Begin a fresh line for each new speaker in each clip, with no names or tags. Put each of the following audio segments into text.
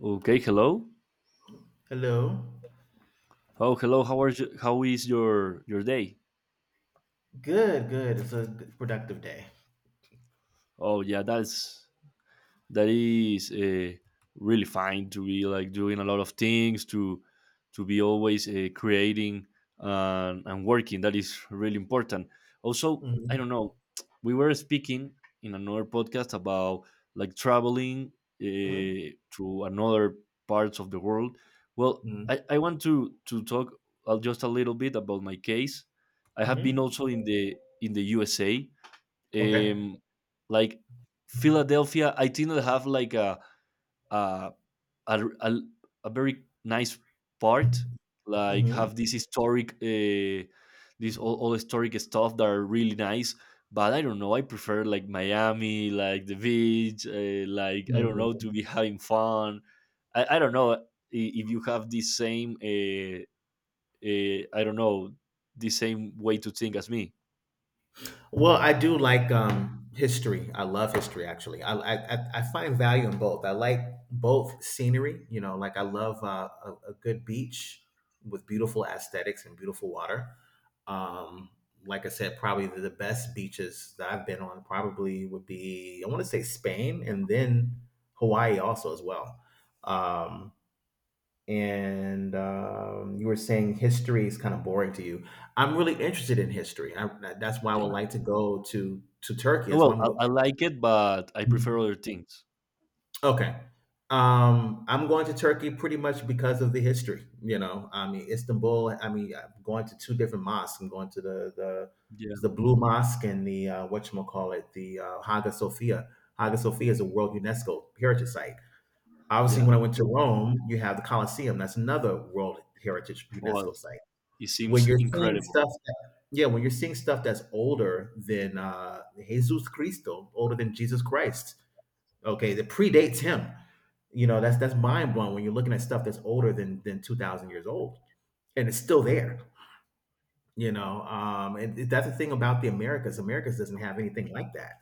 Okay, hello.
Hello.
Oh, hello. How are you? How is your day?
Good, good. It's a productive day.
Oh, yeah, that is really fine to be like doing a lot of things to be always creating and working. That is really important also. I don't
hmm
know, we were speaking in another podcast about like traveling
hmm
uh, to another parts of the world. Well,
hmm
I want to talk just a little bit about my case. I have been also in the USA,
Okay.
um like Philadelphia. I think they have like a a, a, a very nice part, like
hmm
have this historic, this all historic stuff that are really nice. But I don't know, I prefer like Miami, like the beach, like I don't know,
hmm
to be having fun. I don't know, if you have the same, I don't know, the same way to think as me.
Well, I do like history. I love history, actually. I find value in both. I like both scenery. You know, like I love a good beach with beautiful aesthetics and beautiful water. Um, like I said, probably the best beaches that I've been on probably would be I want to say Spain and then Hawaii also as well. Um, and You were saying history is kind of boring to you. I'm really interested in history. That's why I would
Yeah.
like to go to Turkey.
No,
That's why
well, I, I like it, but I
Hmm.
prefer other things.
Okay. I'm going to Turkey pretty much because of the history. You know, I mean Istanbul. I mean, I'm going to two different mosques. I'm going to the, it's the
Yeah,
Blue Mosque and the what call it, the Hagia Sophia. Hagia Sophia is a World UNESCO Heritage Site. Obviously,
yeah.
when I went to
Oh,
Rome, you have the Colosseum. That's another World Heritage
well,
UNESCO Site.
it
When
seems
you're seeing
incredible,
stuff that Yeah, when you're seeing stuff that's older than Jesus Cristo, older than Jesus Christ, okay, that predates him. You know, that's mind blowing when you're looking at stuff that's older than 2000 years old and it's still there, you know. And that's the thing about the Americas. Americas doesn't have anything like that,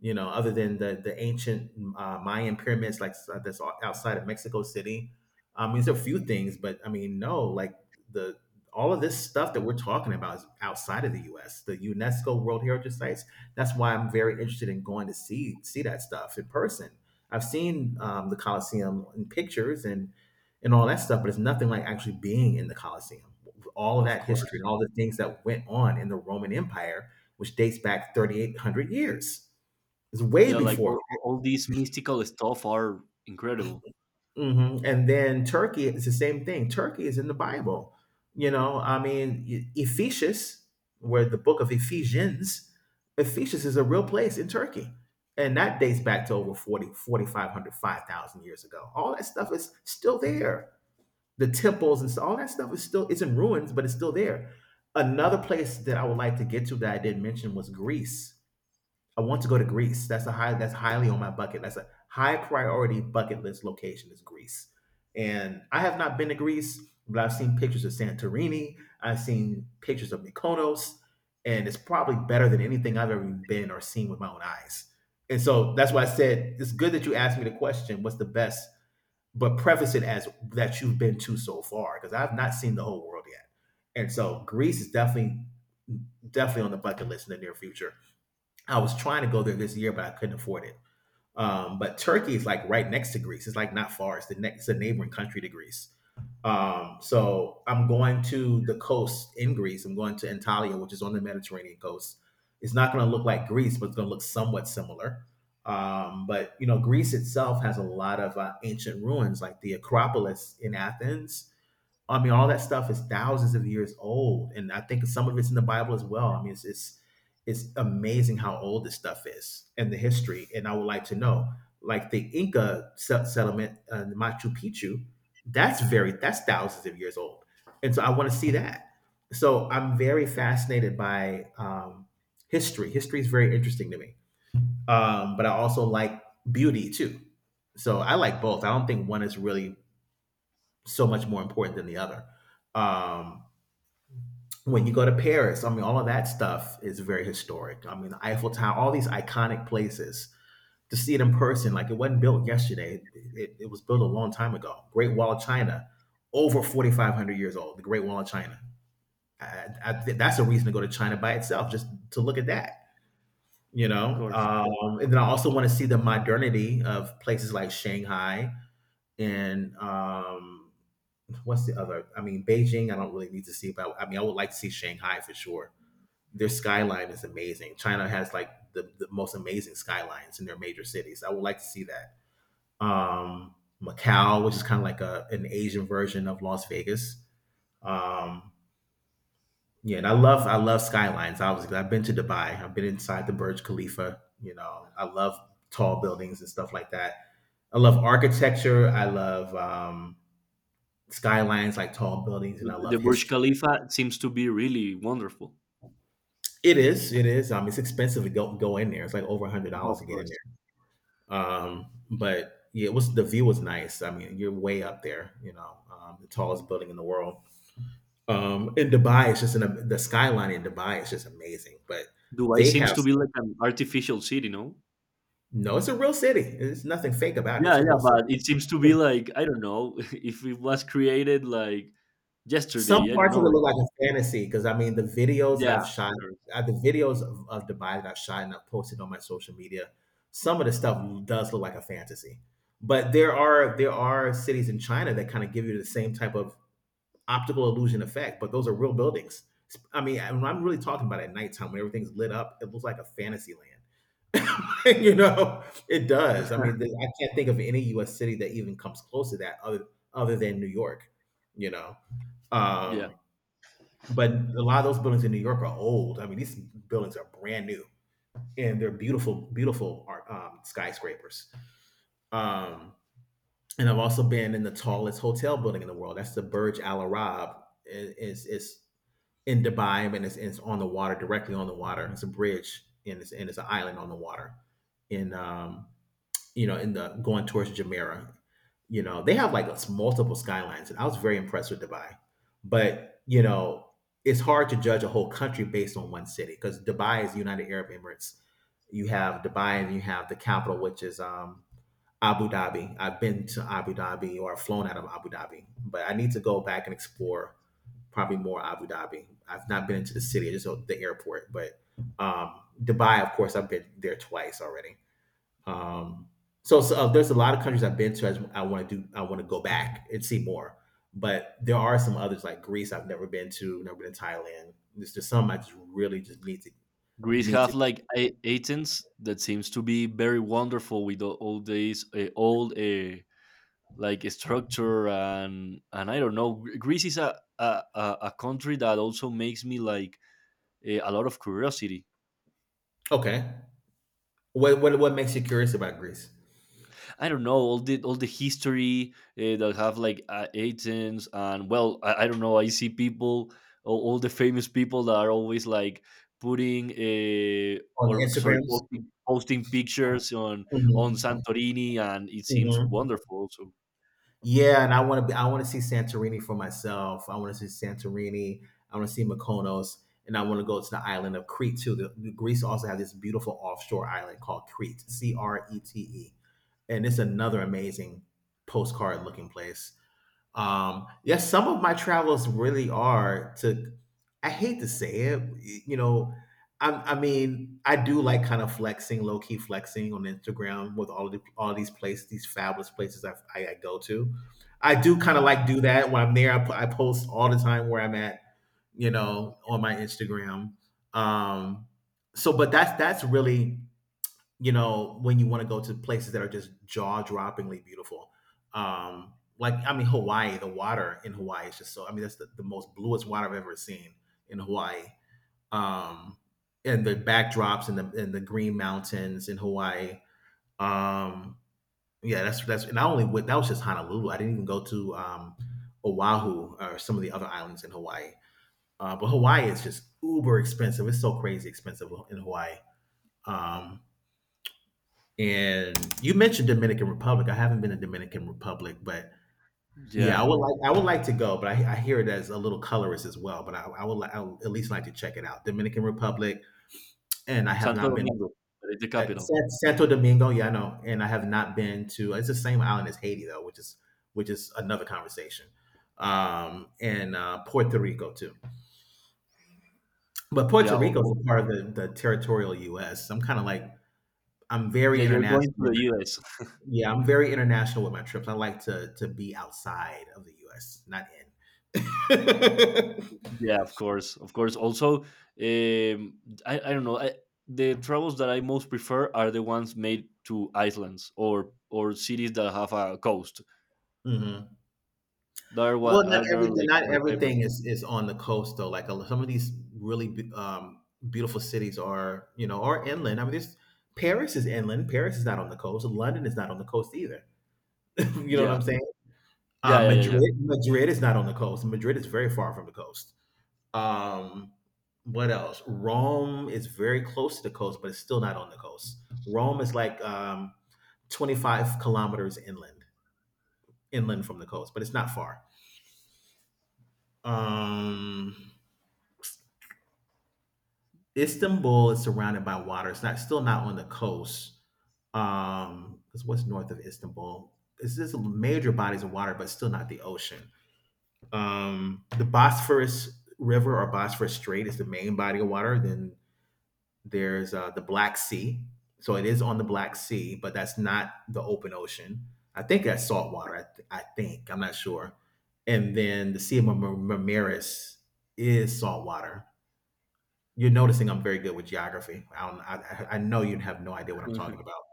you know, other than the ancient Mayan pyramids, that's outside of Mexico City. I mean, there's a few things, but I mean, no, like the all of this stuff that we're talking about is outside of the U.S. The UNESCO World Heritage Sites. That's why I'm very interested in going to see that stuff in person. I've seen the Colosseum in pictures and all that stuff, but it's nothing like actually being in the Colosseum. All of
of
that
course.
history and all the things that went on in the Roman Empire, which dates back 3,800 years. It's way
Yeah, like
before.
all these mystical stuff are incredible,
And then Turkey is the same thing. Turkey is in the Bible. You know, I mean, Ephesus, where the book of Ephesians, Ephesus is a real place in Turkey. And that dates back to over 40, 4,500, 5,000 years ago. All that stuff is still there. The temples and so, all that stuff is still, it's in ruins, but it's still there. Another place that I would like to get to that I didn't mention was Greece. I want to go to Greece. That's a high. That's highly on my bucket. That's a high priority bucket list location is Greece. And I have not been to Greece, but I've seen pictures of Santorini. I've seen pictures of Mykonos, and it's probably better than anything I've ever been or seen with my own eyes. And so that's why I said it's good that you asked me the question, "What's the best?" But preface it as that you've been to so far, because I've not seen the whole world yet. And so Greece is definitely definitely on the bucket list in the near future. I was trying to go there this year, but I couldn't afford it. But Turkey is like right next to Greece. It's like not far. It's the next, it's a neighboring country to Greece. So I'm going to the coast in Greece. I'm going to Antalya, which is on the Mediterranean coast. It's not going to look like Greece, but it's going to look somewhat similar. But you know, Greece itself has a lot of ancient ruins, like the Acropolis in Athens. I mean, all that stuff is thousands of years old, and I think some of it's in the Bible as well. I mean, it's amazing how old this stuff is and the history. And I would like to know, like the Inca settlement, Machu Picchu, that's thousands of years old, and so I want to see that. So I'm very fascinated by history. History is very interesting to me, but I also like beauty too. So I like both. I don't think one is really so much more important than the other. Um, when you go to Paris, I mean, all of that stuff is very historic. I mean, the Eiffel Tower, all these iconic places. To see it in person, like it wasn't built yesterday, it was built a long time ago. Great Wall of China, over 4,500 years old, the Great Wall of China. Think that's a reason to go to China by itself, just to look at that, you
of
know?
course.
And then I also want to see the modernity of places like Shanghai, and what's the other? I mean, Beijing. I don't really need to see, but I mean, I would like to see Shanghai for sure. Their skyline is amazing. China has like the most amazing skylines in their major cities. I would like to see that. Um, Macau, which is kind of like a an Asian version of Las Vegas. Um, yeah, and I love skylines. Obviously, I've been to Dubai. I've been inside the Burj Khalifa. You know, I love tall buildings and stuff like that. I love architecture. I love skylines, like tall buildings,
The
and I
the
love
Burj
history.
Khalifa seems to be really wonderful,
It is, it is. It's expensive to go in there. It's like over $100
of
to get in
course.
there. But yeah, it was the view was nice. I mean, you're way up there. You know, the tallest building in the world. In Dubai, the skyline in Dubai is just amazing. But
Dubai
they
seems
have
to be like an artificial city, no?
no. It's a real city. There's nothing fake about it. It's
Yeah,
a
yeah,
real city.
but it seems to be like I don't know, if it was created like
Some
yesterday, I don't
parts of it
know.
look
It's,
like a fantasy because I mean the videos that
yeah,
I've shot,
Greece.
the videos of Dubai that I've shot and I've posted on my social media, some of the stuff does look like a fantasy. But there are cities in China that kind of give you the same type of optical illusion effect, but those are real buildings. I mean, when I'm really talking about at nighttime when everything's lit up, it looks like a fantasy land. You know, it does. I mean, I can't think of any U.S. city that even comes close to that other than New York. You know.
Yeah.
Um, but a lot of those buildings in New York are old. I mean, these buildings are brand new, and they're beautiful, beautiful skyscrapers. Um, and I've also been in the tallest hotel building in the world. That's the Burj Al Arab. It's in Dubai, and it's on the water, directly on the water. It's a bridge, and it's an island on the water in you know, in the going towards Jumeirah. You know, they have like multiple skylines, and I was very impressed with Dubai. But you know, it's hard to judge a whole country based on one city because Dubai is United Arab Emirates. You have Dubai, and you have the capital, which is Abu Dhabi. I've been to Abu Dhabi or flown out of Abu Dhabi, but I need to go back and explore probably more Abu Dhabi. I've not been into the city, just the airport, but Dubai, of course, I've been there twice already. Um, so, there's a lot of countries I've been to. I want to do. I want to go back and see more. But there are some others like Greece I've never been to. Never been to Thailand. There's just some I just really just
Greece
need
have
to.
like
Do.
Athens that seems to be very wonderful with all these old like structure. And I don't know. Greece is a country that also makes me like a lot of curiosity.
Okay. What makes you curious about Greece
I don't know, all the history that have like agents. And well, I don't know, I see people, all the famous people that are always like putting
on
or sorry,
Instagrams?
posting pictures on
hmm
Santorini, and it seems
hmm
wonderful, so
Yeah, and I want to be. I want to see Santorini for myself. I want to see Santorini. I want to see Mykonos, and I want to go to the island of Crete too. The Greece also has this beautiful offshore island called Crete, C R E T E, and it's another amazing postcard looking place. Yes, some of my travels really are to, I hate to say it, you know, I mean, I do like kind of flexing, low key flexing on Instagram with all these places, these fabulous places I go to. I do kind of like do that when I'm there. I post all the time where I'm at, you know, on my Instagram. Um, so, but that's really, you know, when you want to go to places that are just jaw-droppingly beautiful. Like I mean, Hawaii, the water in Hawaii is just so. I mean, that's the most bluest water I've ever seen in Hawaii. Um, and the backdrops and the green mountains in Hawaii. Um, yeah, that's and I only went. That was just Honolulu. I didn't even go to Oahu or some of the other islands in Hawaii. But Hawaii is just uber expensive. It's so crazy expensive in Hawaii. Um, and you mentioned Dominican Republic. I haven't been to Dominican Republic, but yeah,
yeah.
I would like to go, but I hear it as a little colorist as well. But I would at least like to check it out. Dominican Republic, and I have
Santo
not been.
Domingo, that is the capital.
Santo Domingo. Yeah, I know, and I have not been to. It's the same island as Haiti though, which is another conversation. And Puerto Rico too, but
Yeah,
Puerto Rico is a part of the territorial U.S. I'm kind of like. I'm
yeah,
very
you're going to
international.
the US.
Yeah, I'm very international with my trips. I like to be outside of the U.S., not in.
Yeah, of course, of course. Also, um, I don't know. I, the travels that I most prefer are the ones made to islands or cities that have a coast.
Hmm.
They are what
Well, not
are they are
everything.
like
Not
my favorite.
everything is on the coast though. Like some of these really beautiful cities are, are inland. I mean, this Paris is inland. Paris is not on the coast. London is not on the coast either. You know what
Yeah,
I'm saying?
yeah, yeah, yeah,
Madrid is not on the coast. Madrid is very far from the coast. Um, what else? Rome is very close to the coast, but it's still not on the coast. Rome is like 25 kilometers inland, from the coast, but it's not far. Um, Istanbul is surrounded by water. It's not still not on the coast. 'Cause what's north of Istanbul? It's just major bodies of water, but still not the ocean. The Bosphorus River or Bosphorus Strait is the main body of water. Then there's the Black Sea. So it is on the Black Sea, but that's not the open ocean. I think that's saltwater. I think. I'm not sure. And then the Sea of Marmaris is saltwater. You're noticing I'm very good with geography. I, don't, I know you'd have no idea what I'm
yeah.
talking about,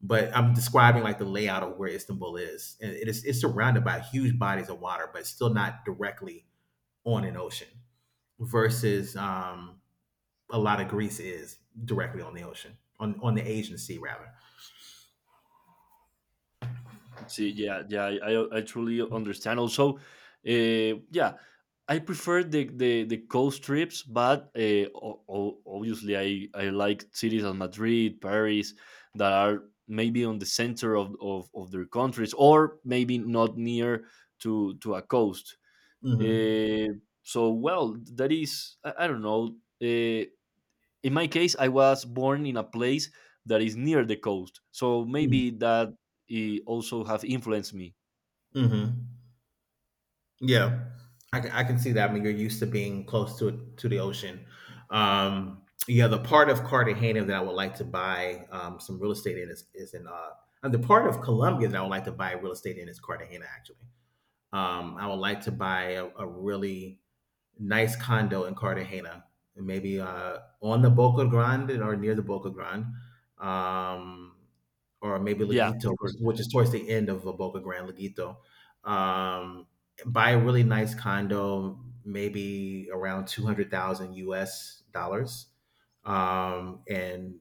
but I'm describing like the layout of where Istanbul is. And it's surrounded by huge bodies of water, but it's still not directly on an ocean versus a lot of Greece is directly on the ocean, on the Asian Sea rather.
See, yeah, yeah, I truly understand. Also, yeah, I prefer the coast trips, but obviously I like cities as Madrid, Paris, that are maybe on the center of their countries, or maybe not near to a coast.
Mm-hmm.
Uh, so well, that is I don't know. Uh, in my case, I was born in a place that is near the coast, so maybe that also have influenced me.
Mm-hmm. Yeah, I can see that. I mean, you're used to being close to it, to the ocean. Um, yeah, the part of Cartagena that I would like to buy some real estate in is in, and the part of Colombia that I would like to buy real estate in is Cartagena. Actually, I would like to buy a really nice condo in Cartagena, maybe on the Boca Grande or near the Boca Grande, um, or maybe
Yeah, of
Leguito,
course.
which is towards the end of the Boca Grande, Leguito. Um, buy a really nice condo, maybe around $200,000, and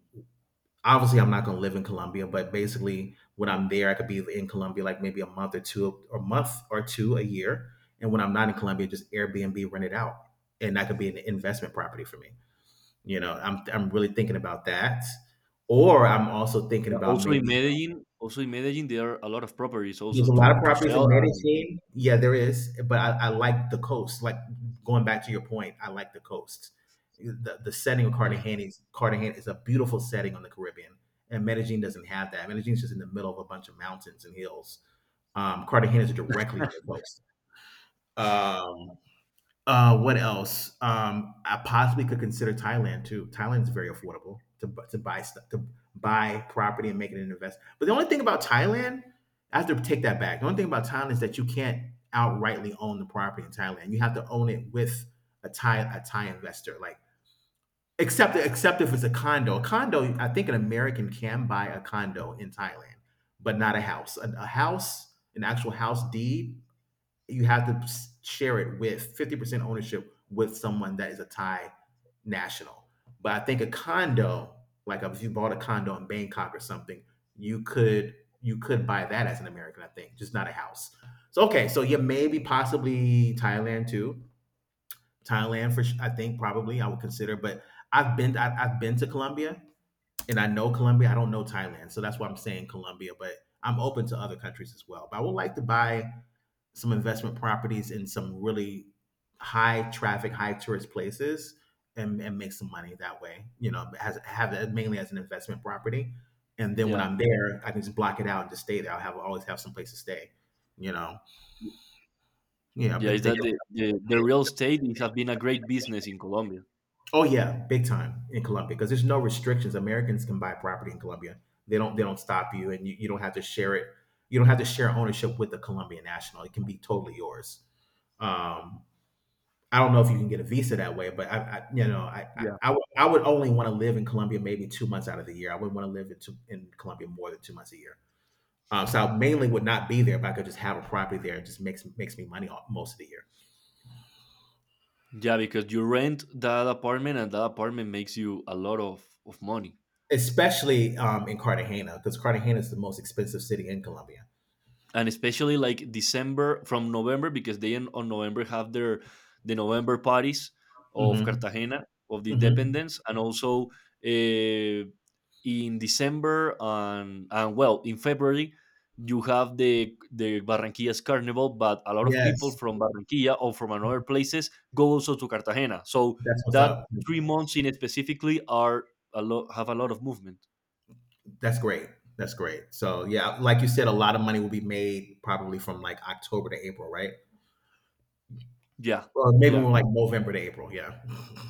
obviously I'm not going to live in Colombia, but basically when I'm there, I could be in Colombia like maybe a month or two, or a month or two a year. And when I'm not in Colombia, just Airbnb rent it out, and that could be an investment property for me. I'm really thinking about that, or I'm also thinking about
Also in
maybe
Medellin, there are a lot of properties
there's
also
a lot of
to
properties
sell.
in
And
Medellin. Yeah, there is, but I like the coast. Like going back to your point, I like the coast. The setting of
yeah,
Cartagena is a beautiful setting on the Caribbean, and Medellin doesn't have that. Medellin's just in the middle of a bunch of mountains and hills. Cartagena is directly on the coast. Um, what else? I possibly could consider Thailand too. Thailand's very affordable to buy stuff, to buy property and make it an investment. But the only thing about Thailand, I have to take that back. The only thing about Thailand is that you can't outrightly own the property in Thailand. You have to own it with a Thai investor, like except if it's a condo. A condo, I think an American can buy a condo in Thailand, but not a house. A house, an actual house deed, you have to share it with 50% ownership with someone that is a Thai national. But I think a condo, like if you bought a condo in Bangkok or something, you could buy that as an American, I think, just not a house. So okay, so yeah, maybe possibly Thailand too. Thailand for I think probably I would consider, but I've been to Colombia and I know Colombia. I don't know Thailand, so that's why I'm saying Colombia. But I'm open to other countries as well. But I would like to buy some investment properties in some really high traffic, high tourist places and make some money that way. As have it mainly as an investment property. And then when
yeah,
I'm there, I can just block it out and just stay there. I'll have always have some place to stay. You know, yeah, I've
yeah. Is
been
that
thinking.
the real estate, it has been a great business in Colombia.
Oh yeah, big time in Colombia because there's no restrictions. Americans can buy property in Colombia. They don't stop you, and you don't have to share it. You don't have to share ownership with the Colombian national. It can be totally yours. Um, I don't know if you can get a visa that way, but I I, I,
Yeah,
I would I would only want to live in Colombia maybe 2 months out of the year. I wouldn't want to live in Colombia more than 2 months a year. So I mainly would not be there, but I could just have a property there. It just makes me money most of the year,
yeah, because you rent that apartment, and that apartment makes you a lot of money.
especially in Cartagena because Cartagena is the most expensive city in Colombia.
And especially like December from November, because on November have the November parties of
Mm-hmm.
Cartagena, of the
Mm-hmm.
Independence. And also uh, in December, and well in February you have the Barranquilla's Carnival. But a lot of people
Yes,
from Barranquilla or from another places go also to Cartagena, so
that's what's
that
up.
3 months in specifically are a lot, have a lot of movement.
That's great. That's great. So yeah, like you said, a lot of money will be made probably from like October to April, right?
Yeah,
Or maybe
yeah,
more like November to April. Yeah.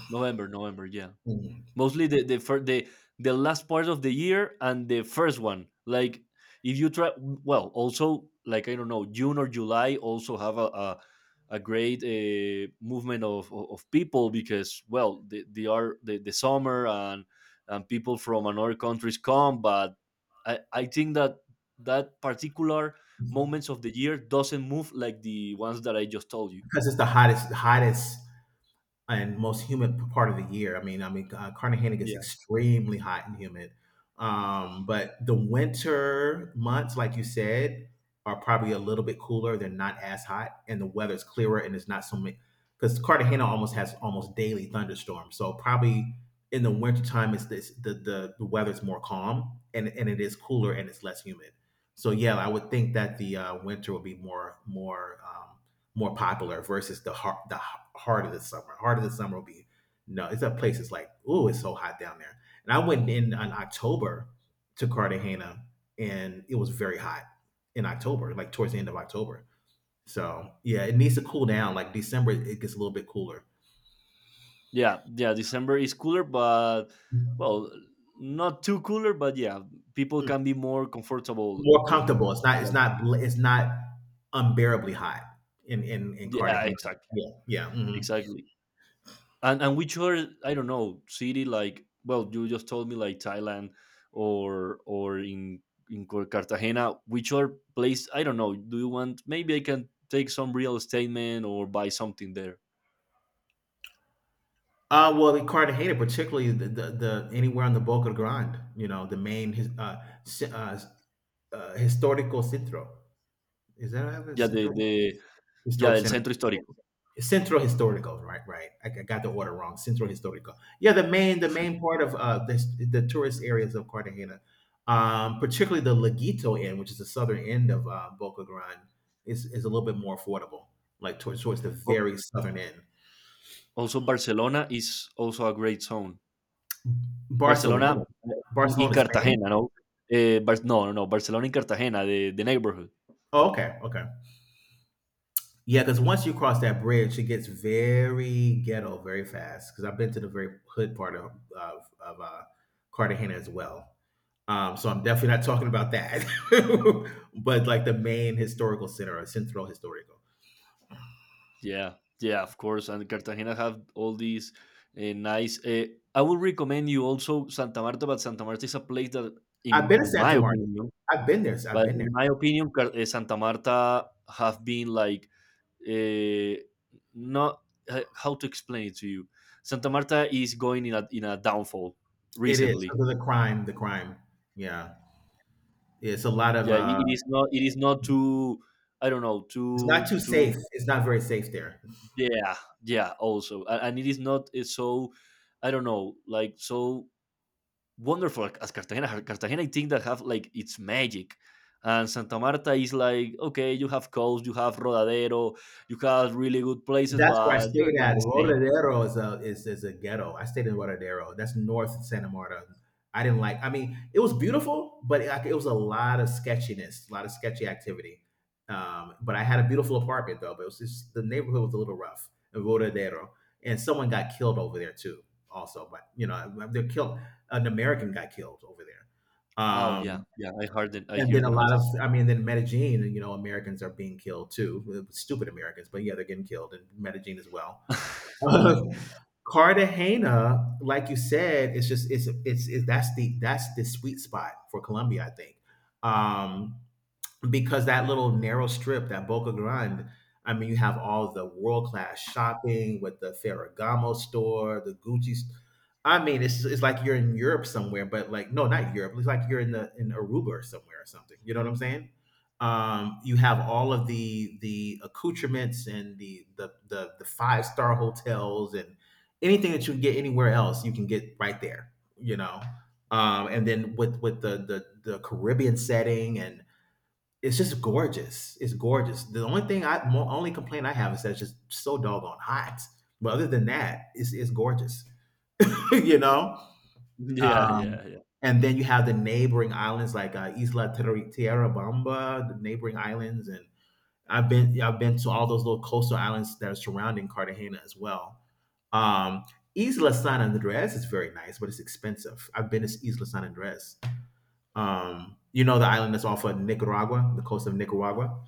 November, November, yeah.
Mhm.
Mostly the first, the last part of the year and the first one. Like if you try, well, also like I don't know, june or july also have a great movement of people, because well, they are the summer, and people from another countries come. But I think that that particular moments of the year doesn't move like the ones that I just told you.
Because it's the hottest, hottest and most humid part of the year. I mean, Cartagena gets extremely hot and humid. But the winter months, like you said, are probably a little bit cooler. They're not as hot, and the weather's clearer, and it's not so many. Because Cartagena almost has almost daily thunderstorms, so probably in the wintertime, it's this the weather's more calm and it is cooler and it's less humid. So yeah, I would think that the winter would be more popular versus the heart of the summer. Heart of the summer will be. No, it's a place it's like, oh, it's so hot down there. And I went in on October to Cartagena and it was very hot in October, like towards the end of October. So yeah, it needs to cool down. Like December it gets a little bit cooler.
Yeah, yeah, December is cooler, but,
Mm.
well, not too cooler, but yeah, people can be more comfortable
More
in
comfortable. It's not it's
that.
not bl- it's not unbearably hot in
Yeah,
Cartagena.
exactly.
Yeah. Yeah. Mhm.
Exactly. And which other, I don't know, city. Like, well, you just told me like Thailand, or in Cartagena, which other place, I don't know, do you want, maybe I can take some real estate man or buy something there.
Well, Ricardo hated particularly the anywhere on the Boca Grande, the main s- uh, historical centro. Is that how
Yeah,
it's central
the yeah,
historic
el
center?
centro histórico.
Centro historical, right? Right. I got the order wrong. Centro historical. Yeah, the main part of the tourist areas of Cartagena, particularly the Laguito end, which is the southern end of Boca Grande, is a little bit more affordable, like towards the
O,
very southern end.
Also, Barcelona is also a great zone.
Barcelona,
Barcelona, in
Barcelona, Spain.
Cartagena, no? No, no, no, Barcelona in Cartagena, the neighborhood.
Oh, okay, okay. Yeah, because once you cross that bridge, it gets very ghetto very fast. Because I've been to the very hood part of Cartagena as well. So I'm definitely not talking about that, but like the main historical center or Centro Historico.
Yeah, yeah, of course. And Cartagena have all these nice. I would recommend you also Santa Marta, but Santa Marta is a place that,
I've
in
been to
on my
Santa Marta.
opinion,
I've been there. I've been there.
in my opinion, Santa Marta have been like uh, not, how to explain it to you. Santa Marta is going in a downfall
It is
recently.
because of the crime. The crime. Yeah, it's a lot of.
Yeah, it is not too, I don't know,
It's not
too
too
too
safe. It's not very safe there.
Yeah, yeah, also and it is not so, I don't know, like so wonderful as Cartagena. Cartagena, I think that have like its magic. And Santa Marta is like, okay, you have coast, you have Rodadero, you have really good places,
That's where I
but you are
stayed
not
at.
the same.
Rodadero is a ghetto. I stayed in Rodadero. That's north Santa Marta. I didn't like. I mean, it was beautiful, but it, like, it was a lot of sketchiness, a lot of sketchy activity. But I had a beautiful apartment though. But it was just the neighborhood was a little rough in Rodadero, and someone got killed over there too. Also, but you know, they're killed. An American got killed over there.
Oh yeah, yeah, I
And
hear
then a
the
lot of,
notice.
I mean, then Medellin, you know, Americans are being killed too. Stupid Americans, but yeah, they're getting killed in Medellin as well. Uh, Cartagena, like you said, it's just it's that's the sweet spot for Colombia, I think. Um, because that little narrow strip, that Boca Grande, I mean, you have all the world class shopping with the Ferragamo store, the Gucci. I mean, it's like you're in Europe somewhere, but like no, not Europe. It's like you're in the in Aruba or somewhere or something. You know what I'm saying? You have all of the accoutrements and the five-star hotels and anything that you can get anywhere else, you can get right there. You know, and then with the Caribbean setting and it's just gorgeous. It's gorgeous. The only thing only complaint I have is that it's just so doggone hot. But other than that, it's gorgeous. you know.
Yeah,
Um,
yeah, yeah.
and then you have the neighboring islands like Tierra Bamba, the neighboring islands, and I've been to all those little coastal islands that are surrounding Cartagena as well. Um, Isla San Andres is very nice, but it's expensive. I've been to Isla San Andres. You know the island that's off of Nicaragua, the coast of Nicaragua.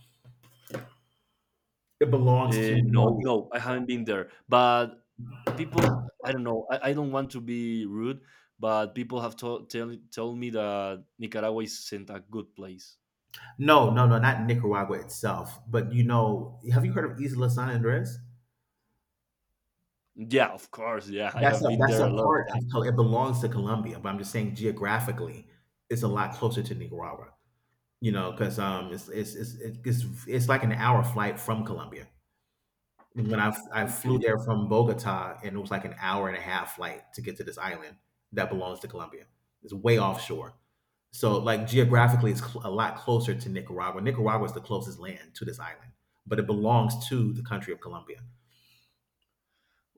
It belongs to
No,
Colombia.
no, I haven't been there. But people, I don't know, I don't want to be rude, but people have told me that Nicaragua isn't a good place.
No, no, no, not Nicaragua itself. But you know, have you heard of Isla San Andres?
Yeah, of course. Yeah, I
That's
have
a
been there a lot of times.
It belongs to Colombia, but I'm just saying geographically, it's a lot closer to Nicaragua. You know, because it's like an hour flight from Colombia. And when I flew
Okay.
there from Bogota, and it was like an hour and a half flight to get to this island that belongs to Colombia. It's way offshore. So, like geographically, it's a lot closer to Nicaragua. Nicaragua is the closest land to this island, but it belongs to the country of Colombia.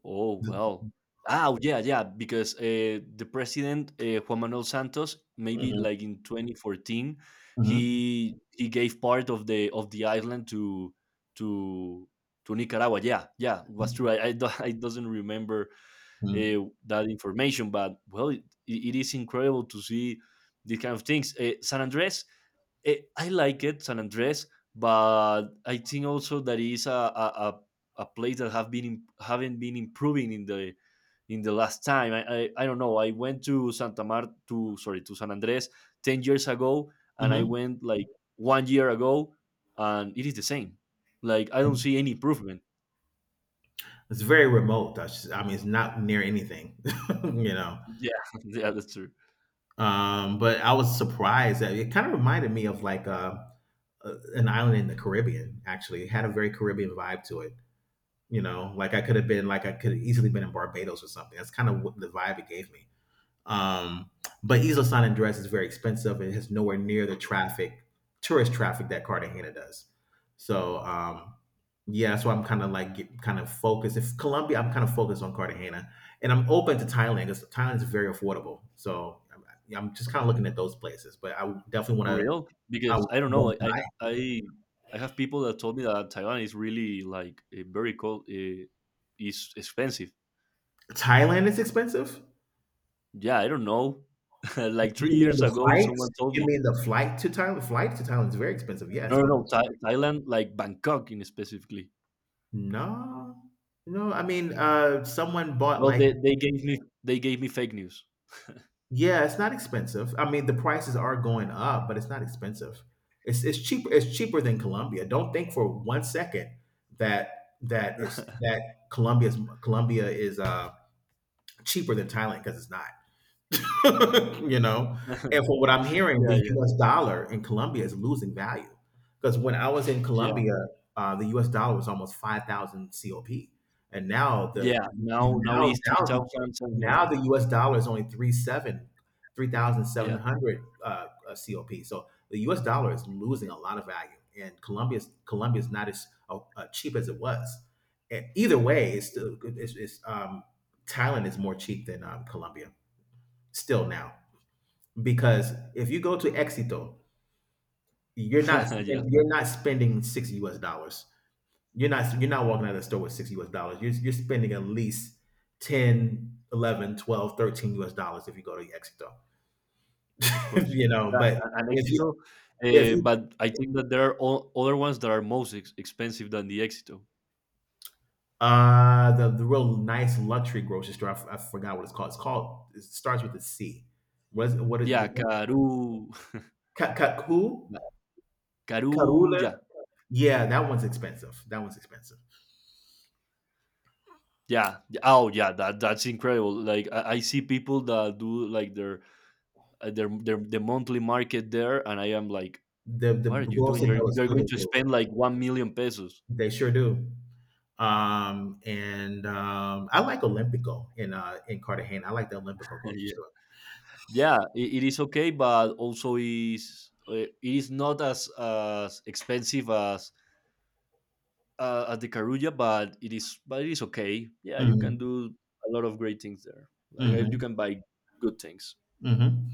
Oh well. Ah, yeah, yeah. Because the president, Juan Manuel Santos, maybe
Mhm,
like in 2014,
mhm,
he gave part of the island to to Nicaragua. Yeah, yeah, was true. I doesn't remember
mhm,
that information, but well, it is incredible to see these kind of things. San Andres. I like it, San Andres, but I think also that is a, a place that have haven't been improving in the last time. I don't know. I went to Santa Mar to sorry to San Andres 10 years ago, and I went like one year ago, and it is the same. Like I don't
mhm.
see any improvement.
It's very remote. I mean, it's not near anything, you know.
Yeah, yeah, that's true.
But I was surprised that it kind of reminded me of like an island in the Caribbean. Actually, it had a very Caribbean vibe to it. You know, like I could have been, like I could have easily been in Barbados or something. That's kind of what the vibe it gave me. Um, but Isla San Andres is very expensive. It has nowhere near the traffic, tourist traffic that Cartagena does. So yeah, so I'm kind of focused. If Colombia, I'm kind of focused on Cartagena, and I'm open to Thailand because Thailand is very affordable. So I'm just kind of looking at those places. But I definitely want
For
to.
real,
I
because I don't know.
want
I I have people that told me that Taiwan is really like very cold. Is expensive.
Thailand is expensive.
Yeah, I don't know. Like three
You mean
years
the
ago,
flight?
someone told
You
me.
mean the flight to Thailand? Flight to Thailand is very expensive.
No,
Yes,
no,
but
no, Thailand, like Bangkok, in specifically.
no, no. I mean, someone bought
Well,
like
they gave me fake news.
yeah, it's not expensive. I mean, the prices are going up, but it's not expensive. It's cheaper. It's cheaper than Colombia. Don't think for 1 second that that is
Yeah,
that Colombia's Colombia is cheaper than Thailand because it's not. you know? And from what I'm hearing, the
yeah,
US dollar in Colombia is losing value. Because when I was in
yeah,
Colombia, the US dollar was almost 5,000 COP. And
yeah. Now
now
it's three
now
thousand seven
now
hundred.
the US dollar is only three seven three thousand seven
Yeah,
hundred COP. So the US dollar is losing a lot of value and Colombia's not as cheap as it was. And either way, it's still it's Thailand is more cheap than Colombia still now because if you go to Éxito, you're not
yeah,
you're not spending six U.S. dollars. You're not walking out of the store with six U.S. dollars. You're spending at least 10, 11, 12, 13 U.S. dollars if you go to Éxito.
of course.
you know,
Yeah,
but
and
if you,
Exito,
if you,
but I think that there are other ones that are most expensive than the Exito.
the real nice luxury grocery store, I forgot what it's called. It's called it starts with a C. What is
Yeah, Caru,
Cacu
Karu,
Carula?
yeah,
Yeah, that one's expensive. That one's expensive.
yeah. Oh yeah, that's incredible. Like I see people that do like the monthly market there, and I am like,
The
what are you doing?
Boston
You're
Celtics
you're
still
going
the
to
Wolves.
spend like 1 million pesos.
They sure do. And I like Olympico in Cartagena. I like the Olympico grocery
Yeah,
store.
yeah, it is okay, but also is it is not as expensive as the Carulla, but it is, but it is okay. Yeah, you can
Mhm.
do a lot of great things there. Like you
Mhm.
can buy good things.
Mhm.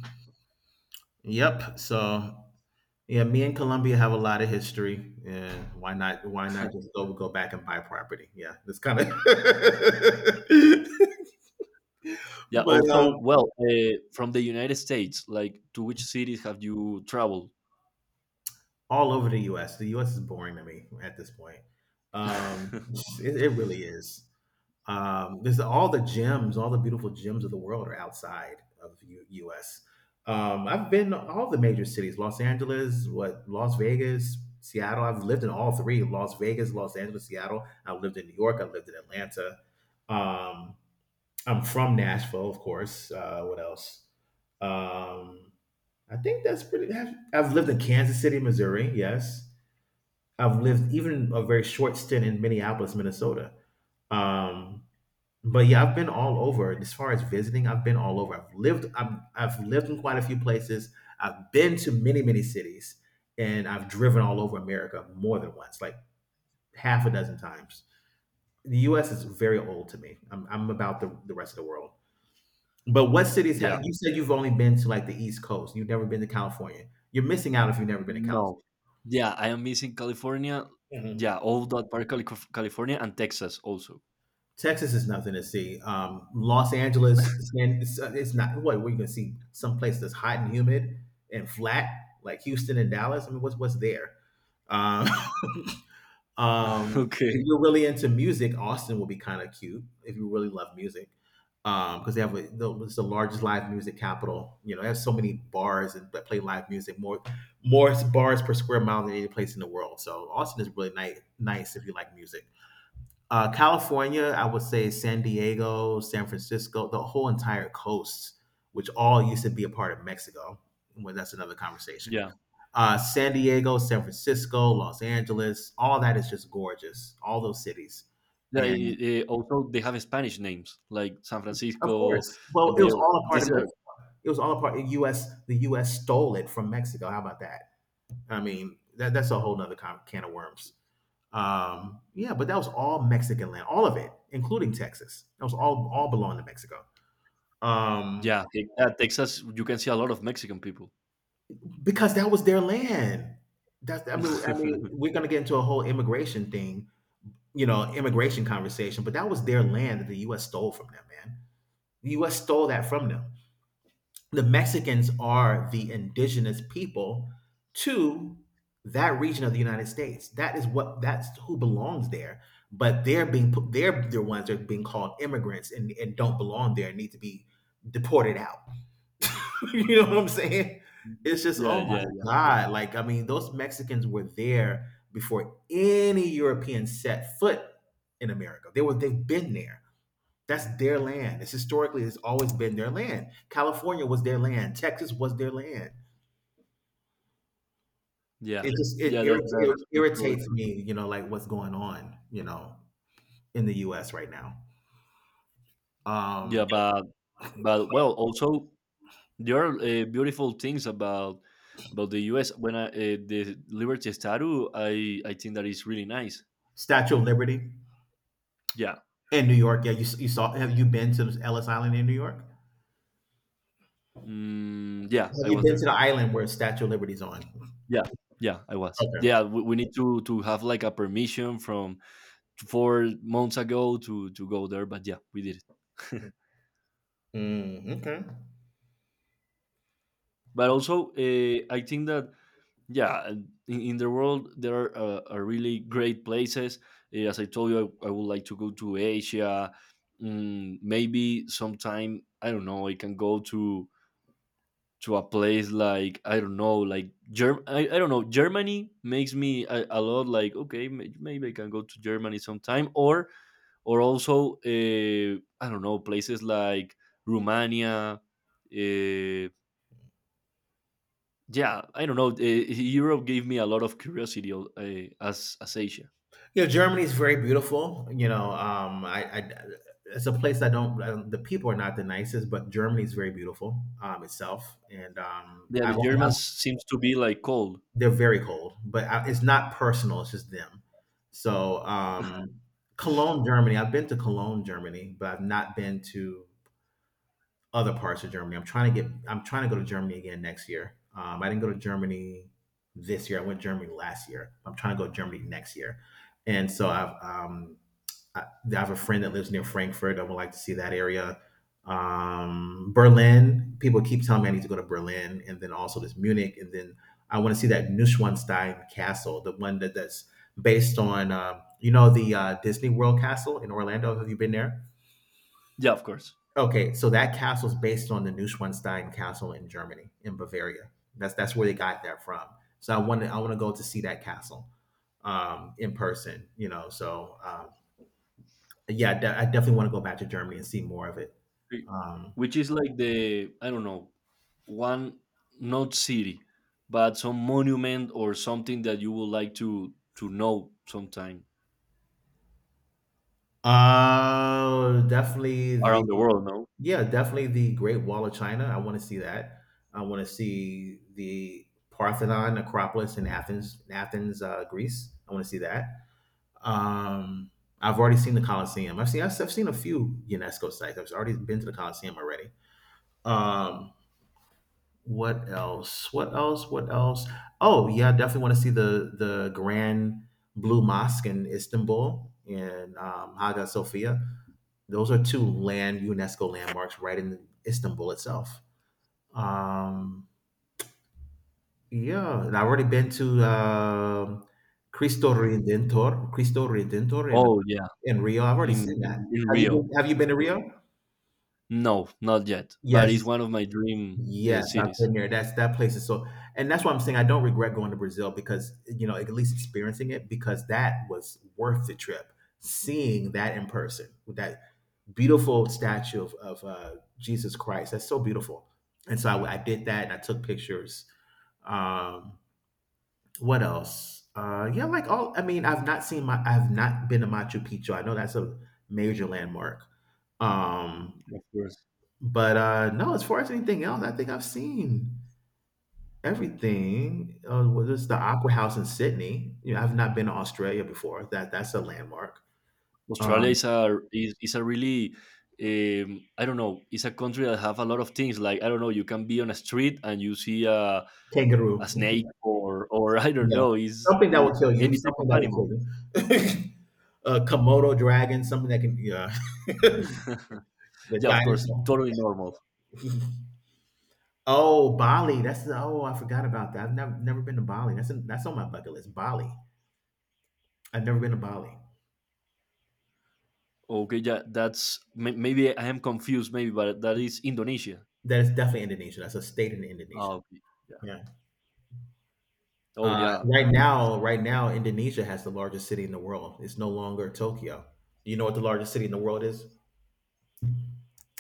Yep. So yeah, me and Colombia have a lot of history. Yeah. Why not? Why not just go back and buy property? Yeah, that's kind of.
Yeah.
but
Also, well, from the United States, like to which cities have you traveled?
all over the U.S. The U.S. is boring to me at this point. Um, it really is. There's all the gems, all the beautiful gems of the world are outside of U.S. I've been to all the major cities: Los Angeles, what Las Vegas, Seattle. I've lived in all three: Las Vegas, Los Angeles, Seattle. I lived in New York. I lived in Atlanta. Um, I'm from Nashville, of course. What else? Um, I think that's pretty. I've lived in Kansas City, Missouri. Yes, I've lived even a very short stint in Minneapolis, Minnesota. Um, but yeah, I've been all over. And as far as visiting, I've been all over. I've lived in quite a few places. I've been to many, many cities and I've driven all over America more than once, like half a dozen times. The US is very old to me. I'm about the rest of the world. But what cities
Yeah.
have you said you've only been to like the East Coast? You've never been to California. You're missing out if you've never been to California.
No. Yeah, I am missing California. Yeah, all that part, California and Texas also.
Texas is nothing to see. Los Angeles, it's not. What we can see some place that's hot and humid and flat, like Houston and Dallas. I mean, what's there? Um, if
Okay.
you're really into music, Austin will be kind of cute if you really love music, because they have it's the largest live music capital. You know, they have so many bars and that play live music more bars per square mile than any place in the world. So Austin is really nice if you like music. California, I would say San Diego, San Francisco, the whole entire coast, which all used to be a part of Mexico. Well, that's another conversation.
Yeah.
San Diego, San Francisco, Los Angeles, all that is just gorgeous. All those cities,
Yeah,
and
also they have Spanish names like San
of
Francisco,
course,
San
well, it was
Diego.
all a part of
These
Mexico.
are,
It was all a part. The U.S. The U.S. stole it from Mexico. How about that? I mean, that's a whole nother can of worms. Yeah, but that was all Mexican land, all of it, including Texas. That was all belonged to Mexico. Um,
yeah, at Texas, you can see a lot of Mexican people.
because that was their land. That's I mean we're gonna get into a whole immigration thing, you know, immigration conversation, but that was their land that the US stole from them, man. The US stole that from them. The Mexicans are the indigenous people to that region of the United States. That is what that's who belongs there. But they're being put they're the ones that are being called immigrants and don't belong there and need to be deported out. you know what I'm saying? It's just,
Yeah,
oh
yeah, yeah.
my
Sure.
God. Like, I mean, those Mexicans were there before any European set foot in America. They've been there. That's their land. It's historically it's always been their land. California was their land. Texas was their land.
Yeah,
It just
yeah,
it
that's really
irritates
true.
me, you know, like what's going on, you know, in the U.S. right now. Um,
Yeah, but well, also there are beautiful things about the U.S. When the Liberty Statue, I think that is really nice.
Statue of Liberty
Yeah,
in New York. Yeah, you saw. Have you been to Ellis Island in New York?
yeah,
Have
I
you
was
been to
there.
the island where Statue of Liberty's on?
Yeah, yeah, I was.
Okay.
Yeah, we need to have like a permission from 4 months ago to go there, but yeah, we did it.
Mm, okay.
But also, I think that yeah and in the world there are really great places. As I told you, I would like to go to Asia. Maybe sometime, I don't know, I can go to a place like, I don't know, like I don't know, Germany makes me a lot like, okay, maybe I can go to Germany sometime, or also, I don't know, places like Romania, uh, yeah, I don't know, Europe gave me a lot of curiosity, as Asia.
Yeah, Germany is very beautiful. You know, I it's a place I don't. The people are not the nicest, but Germany is very beautiful itself, and
Yeah, the
I've
Germans seems to be like cold.
they're very cold, but I, it's not personal. It's just them. So Cologne, Germany. I've been to Cologne, Germany, but I've not been to other parts of Germany. I'm trying to get. I'm trying to go to Germany again next year. I didn't go to Germany this year. I went to Germany last year. I'm trying to go to Germany next year, and so I've. I have a friend that lives near Frankfurt. I would like to see that area. Berlin. People keep telling me I need to go to Berlin, and then also this Munich, and then I want to see that Neuschwanstein Castle, the one that's based on you know the Disney World Castle in Orlando. Have you been there?
Yeah, of course.
Okay, so that castle is based on the Neuschwanstein Castle in Germany, in Bavaria. That's where they got that from. So I want to go to see that castle in person. You know, so yeah, I definitely want to go back to Germany and see more of it.
Wh-
Um,
which is like the, I don't know, one, not city, but some monument or something that you would like to know sometime
definitely
around
the
the world, no?
Yeah, definitely the Great Wall of China. I want to see that. I want to see the Parthenon, Acropolis in Athens, Athens, Greece. I want to see that. Um, I've already seen the Colosseum. I've seen a few UNESCO sites. I've already been to the Colosseum already. Um, What else? What else? What else? Oh yeah, definitely want to see the Grand Blue Mosque in Istanbul and Hagia Sophia. Those are two land UNESCO landmarks right in Istanbul itself. Um, yeah, and I've already been to Cristo Redentor, Cristo Redentor
Oh yeah.
in Rio. I've already
in
seen
in,
that.
in
Have you
Rio.
been, have you
Of
been to Rio?
course. No, not yet, but it's
Yes.
one of my dream
Yes, I've
cities.
been there. That place is so, and that's why I'm saying I don't regret going to Brazil because you know at least experiencing it because that was worth the trip. Seeing that in person with that beautiful statue of, of Jesus Christ, that's so beautiful. And so I did that and I took pictures. Um, what else? Yeah, like all. I mean, I've not seen my. I've not been to Machu Picchu. I know that's a major landmark. Um,
Of course.
but no, as far as anything else, I think I've seen. Everything. Well, there's the Aqua House in Sydney. You know, I've not been to Australia before. That's a landmark.
Australia
Um,
is a is a really I don't know. It's a country that have a lot of things. Like, I don't know, you can be on a street and you see
kangaroo.
a snake or I don't
Yeah,
know,
something that will kill you.
any type of
Something that will kill
animal.
you. A Komodo dragon. Something that can. Yeah, the
Yeah, of course,
dinosaur.
totally normal.
Oh, Bali. That's oh, I forgot about that. I've never been to Bali. That's on my bucket list. Bali. I've never been to Bali.
Okay, yeah, that's maybe I am confused. Maybe, but that is Indonesia.
That is definitely Indonesia. That's a state in
Oh,
Indonesia.
okay, yeah.
Yeah.
Oh, yeah.
Right now, Indonesia has the largest city in the world. It's no longer Tokyo. You know what the largest city in the world is?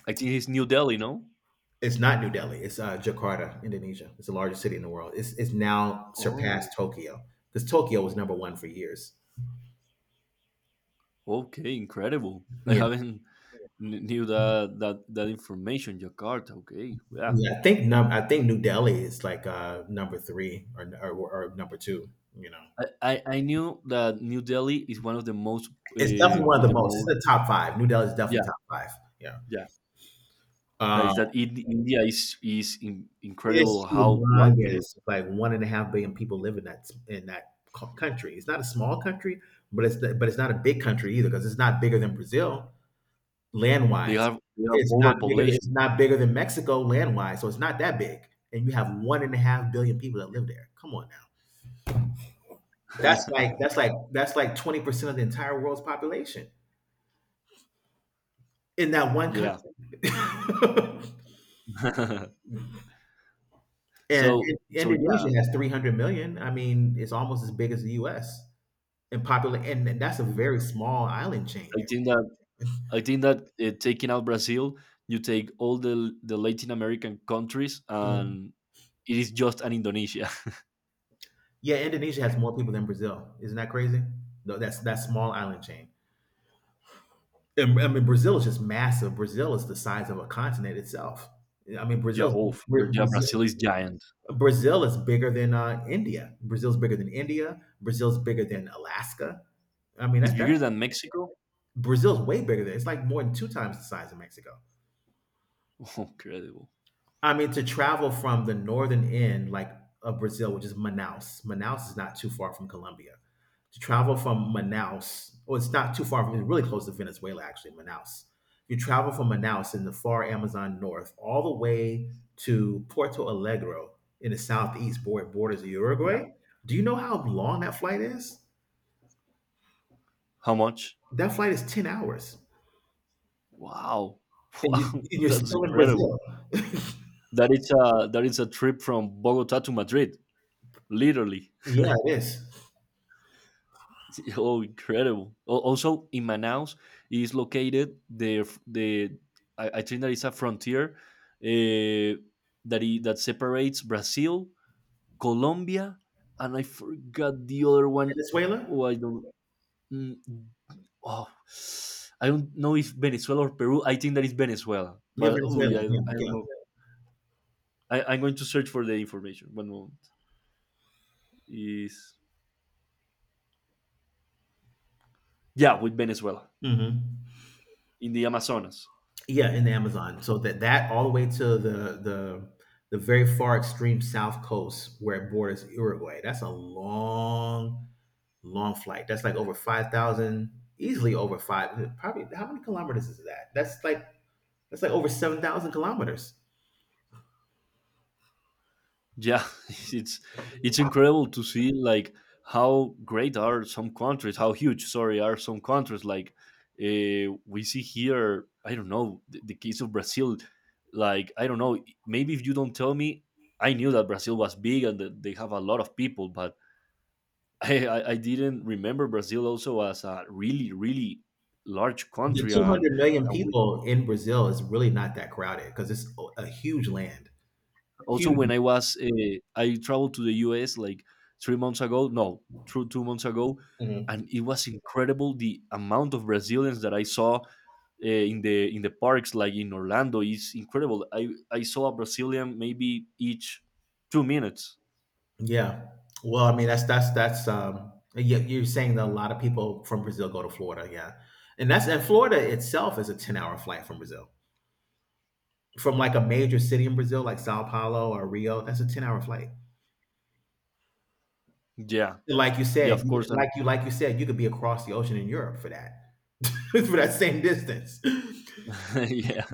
I think it's New Delhi, no?
It's not New Delhi. It's Jakarta, Indonesia. It's the largest city in the world. It's now surpassed
Oh,
Tokyo because Tokyo was number 1 for years.
okay, incredible. I
Yeah,
haven't knew that information. Jakarta, okay, yeah.
yeah. I think New Delhi is like number 3 or number 2. You know,
I knew that New Delhi is one of the most,
it's
uh,
definitely one of
with
the
the
most. It's
most.
the top five. New Delhi is
Yeah,
definitely top five. Yeah.
yeah, like
Uh,
that India is incredible
It's
how large
humongous.
it
It's
is.
like 1.5 billion people live in that in that country. It's not a small country, but it's not a big country either because it's not bigger than Brazil land
They
wise.
have they have
It's not bigger. It's
overpopulation.
not bigger than Mexico land wise, so it's not that big. And you have 1.5 billion people that live there. Come on now. That's like that's like that's like 20% of the entire world's population in that one
Yeah.
country. And
Yeah,
Indonesia has 300 million. I mean, it's almost as big as the U.S. and popular, and that's a very small island chain
I
there.
think that I think that, taking out Brazil, you take all the Latin American countries,
Mhm.
and it is just an Indonesia.
Yeah, Indonesia has more people than Brazil. Isn't that crazy? No, that's that small island chain. And I mean, Brazil is just massive. Brazil is the size of a continent itself. I mean,
Yeah,
Brazil's
oh,
Bra-
yeah,
Brazil,
Brazil is giant.
Brazil is bigger than India. Brazil's bigger than India. Brazil's bigger than Alaska. I mean,
It's
that, that
bigger than Mexico.
Brazil's way bigger than. It's like more than two times the size of Mexico.
Incredible.
I mean, to travel from the northern end, like of Brazil, which is Manaus. Manaus is not too far from Colombia. To travel from Manaus, well, it's not too far from. It's really close to Venezuela, actually. Manaus. You travel from Manaus in the far Amazon north, all the way to Porto Alegre in the southeast, borders of
Yeah.
Uruguay. Do you know how long that flight is?
How much?
That flight is 10 hours,
Wow.
and, you,
Wow,
and you're
that's
still in
incredible.
Brazil.
That is a trip from Bogota to Madrid, literally.
Yeah, it is.
Oh, incredible. Also, in Manaus is located the, I think that is a frontier, uh, that separates Brazil, Colombia, and I forgot the other one.
Venezuela.
Oh, I don't. mm, oh, I don't know if Venezuela or Peru. I think that is Venezuela,
Yeah,
but oh, yeah,
Venezuela. Yeah,
I don't know. I'm going to search for the information. One moment. Is, yeah, with Venezuela
yeah. Hmm.
in the Amazonas.
Yeah, in the Amazon. So that that all the way to the very far extreme south coast where it borders Uruguay. That's a long, long flight. That's like over 5,000, easily over five. Probably how many kilometers is that? That's like over 7,000 kilometers.
Yeah, it's it's incredible to see like how great are some countries, how huge, sorry, are some countries. Like, we see here, I don't know, the case of Brazil. Like, I don't know, maybe if you don't tell me, I knew that Brazil was big and that they have a lot of people, but I didn't remember Brazil also as a really really large
The
country
two hundred million
and
people in Brazil is really not that crowded because it's a huge land,
also,
huge.
when I was I traveled to the US like 3 months ago, no, through 2 months ago,
Mhm.
and it was incredible the amount of Brazilians that I saw in the parks, like in Orlando, is incredible. I saw a Brazilian maybe each 2 minutes.
Yeah. Well, I mean, that's you, you're saying that a lot of people from Brazil go to Florida, yeah. And Florida itself is a 10-hour flight from Brazil. From like a major city in Brazil like Sao Paulo or Rio, that's a 10-hour flight.
Yeah,
Like you
yeah,
said,
of
you
course, and
like you like you said, you could be across the ocean in Europe for that. For that same distance.
yeah,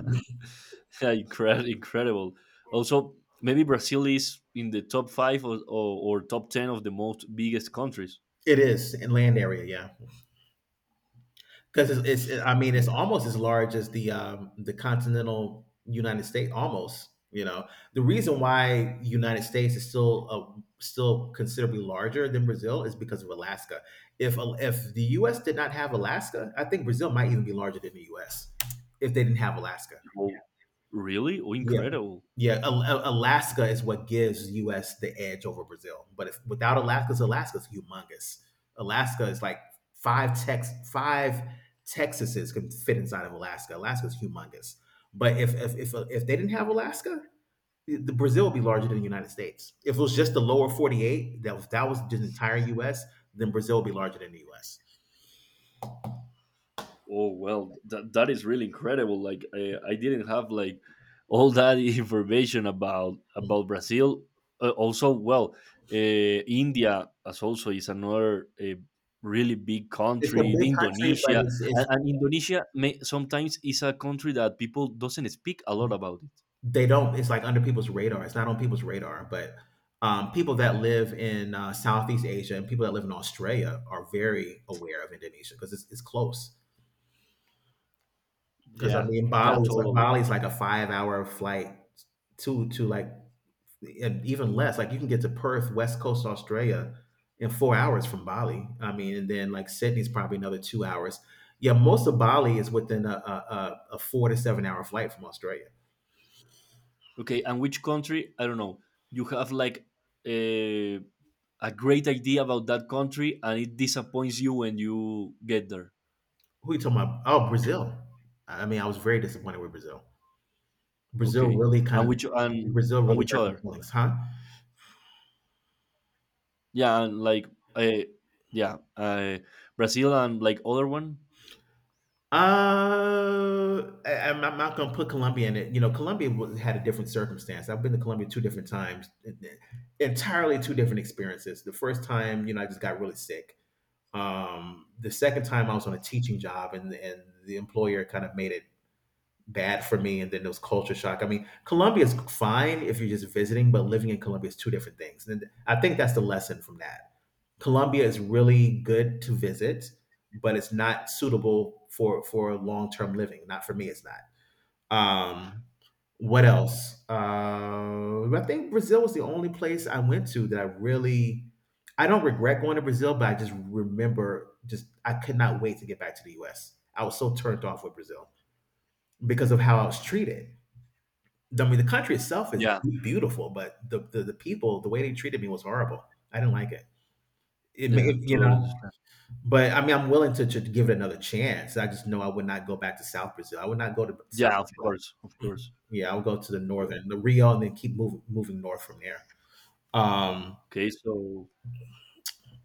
yeah, incredible. Also, maybe Brazil is in the top five or, or top ten of the most biggest countries.
It is in land area, yeah. Because I mean, it's almost as large as the continental United States, almost. You know, the reason why United States is still still considerably larger than Brazil is because of Alaska. If the U.S. did not have Alaska, I think Brazil might even be larger than the U.S. if they didn't have Alaska.
Oh, really? Oh,
Yeah.
incredible!
Yeah, Alaska is what gives U.S. the edge over Brazil. But if, without Alaska, Alaska's humongous. Alaska is like five Texases can fit inside of Alaska. Alaska's humongous. But if they didn't have Alaska, the Brazil would be larger than the United States. If it was just the lower 48, that was the entire U.S., then Brazil would be larger than the U.S.
Oh well, that is really incredible. Like, I didn't have like all that information about Brazil. Also, well, India as also is another, really big
It's a
country. The
big country, but
Indonesia,
it's it's
and Indonesia may, sometimes is a country that people doesn't speak a lot about it.
They don't. It's like under people's radar. It's not on people's radar. But people that live in Southeast Asia and people that live in Australia are very aware of Indonesia because it's close. Because I
Yeah,
mean,
yeah, totally.
Bali is like a five-hour flight to like and even less. Like you can get to Perth, West Coast Australia, in 4 hours from Bali. I mean, and then like Sydney's probably another 2 hours. Yeah, most of Bali is within a 4 to 7 hour flight from Australia.
Okay, and which country? I don't know. You have like a a great idea about that country, and it disappoints you when you get there.
Who you talking about? Oh, Brazil. I mean, I was very disappointed with Brazil. Brazil
Okay.
really kind
And
of
which and
Brazil really
which
hurt my
other?
feelings, huh?
Yeah, and like, uh, yeah, Brazil and like other one.
I am not going to put Colombia in it. You know, Colombia was, had a different circumstance. I've been to Colombia two different times, entirely two different experiences. The first time, you know, I just got really sick. The second time, I was on a teaching job, and the employer kind of made it bad for me. And then there was culture shock. I mean, Colombia is fine if you're just visiting, but living in Colombia is two different things. And I think that's the lesson from that. Colombia is really good to visit, but it's not suitable for long term living. Not for me, it's not. Um, what else? I think Brazil was the only place I went to that I really. I don't regret going to Brazil, but I just remember just I could not wait to get back to the U.S. I was so turned off with Brazil because of how I was treated. I mean, the country itself is
Yeah,
beautiful, but the people, the way they treated me was horrible. I didn't like it.
yeah,
You
totally
know,
understand.
but I mean, I'm willing to give it another chance. I just know I would not go back to South Brazil. I would not go to South.
Yeah, of
Brazil.
course, of course,
Yeah, I would go to the
of course.
northern, the Rio, and then keep moving north from there. Um,
Okay, so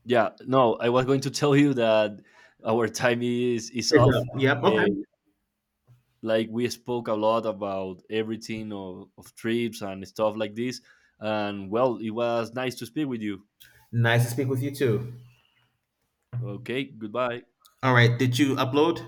yeah, no, I was going to tell you that our time is
is,
off.
yep.
Uh,
Okay.
like, we spoke a lot about everything of trips and stuff like this, and well, it was nice to speak with you.
Nice to speak with you too.
Okay, goodbye.
All right. Did you upload?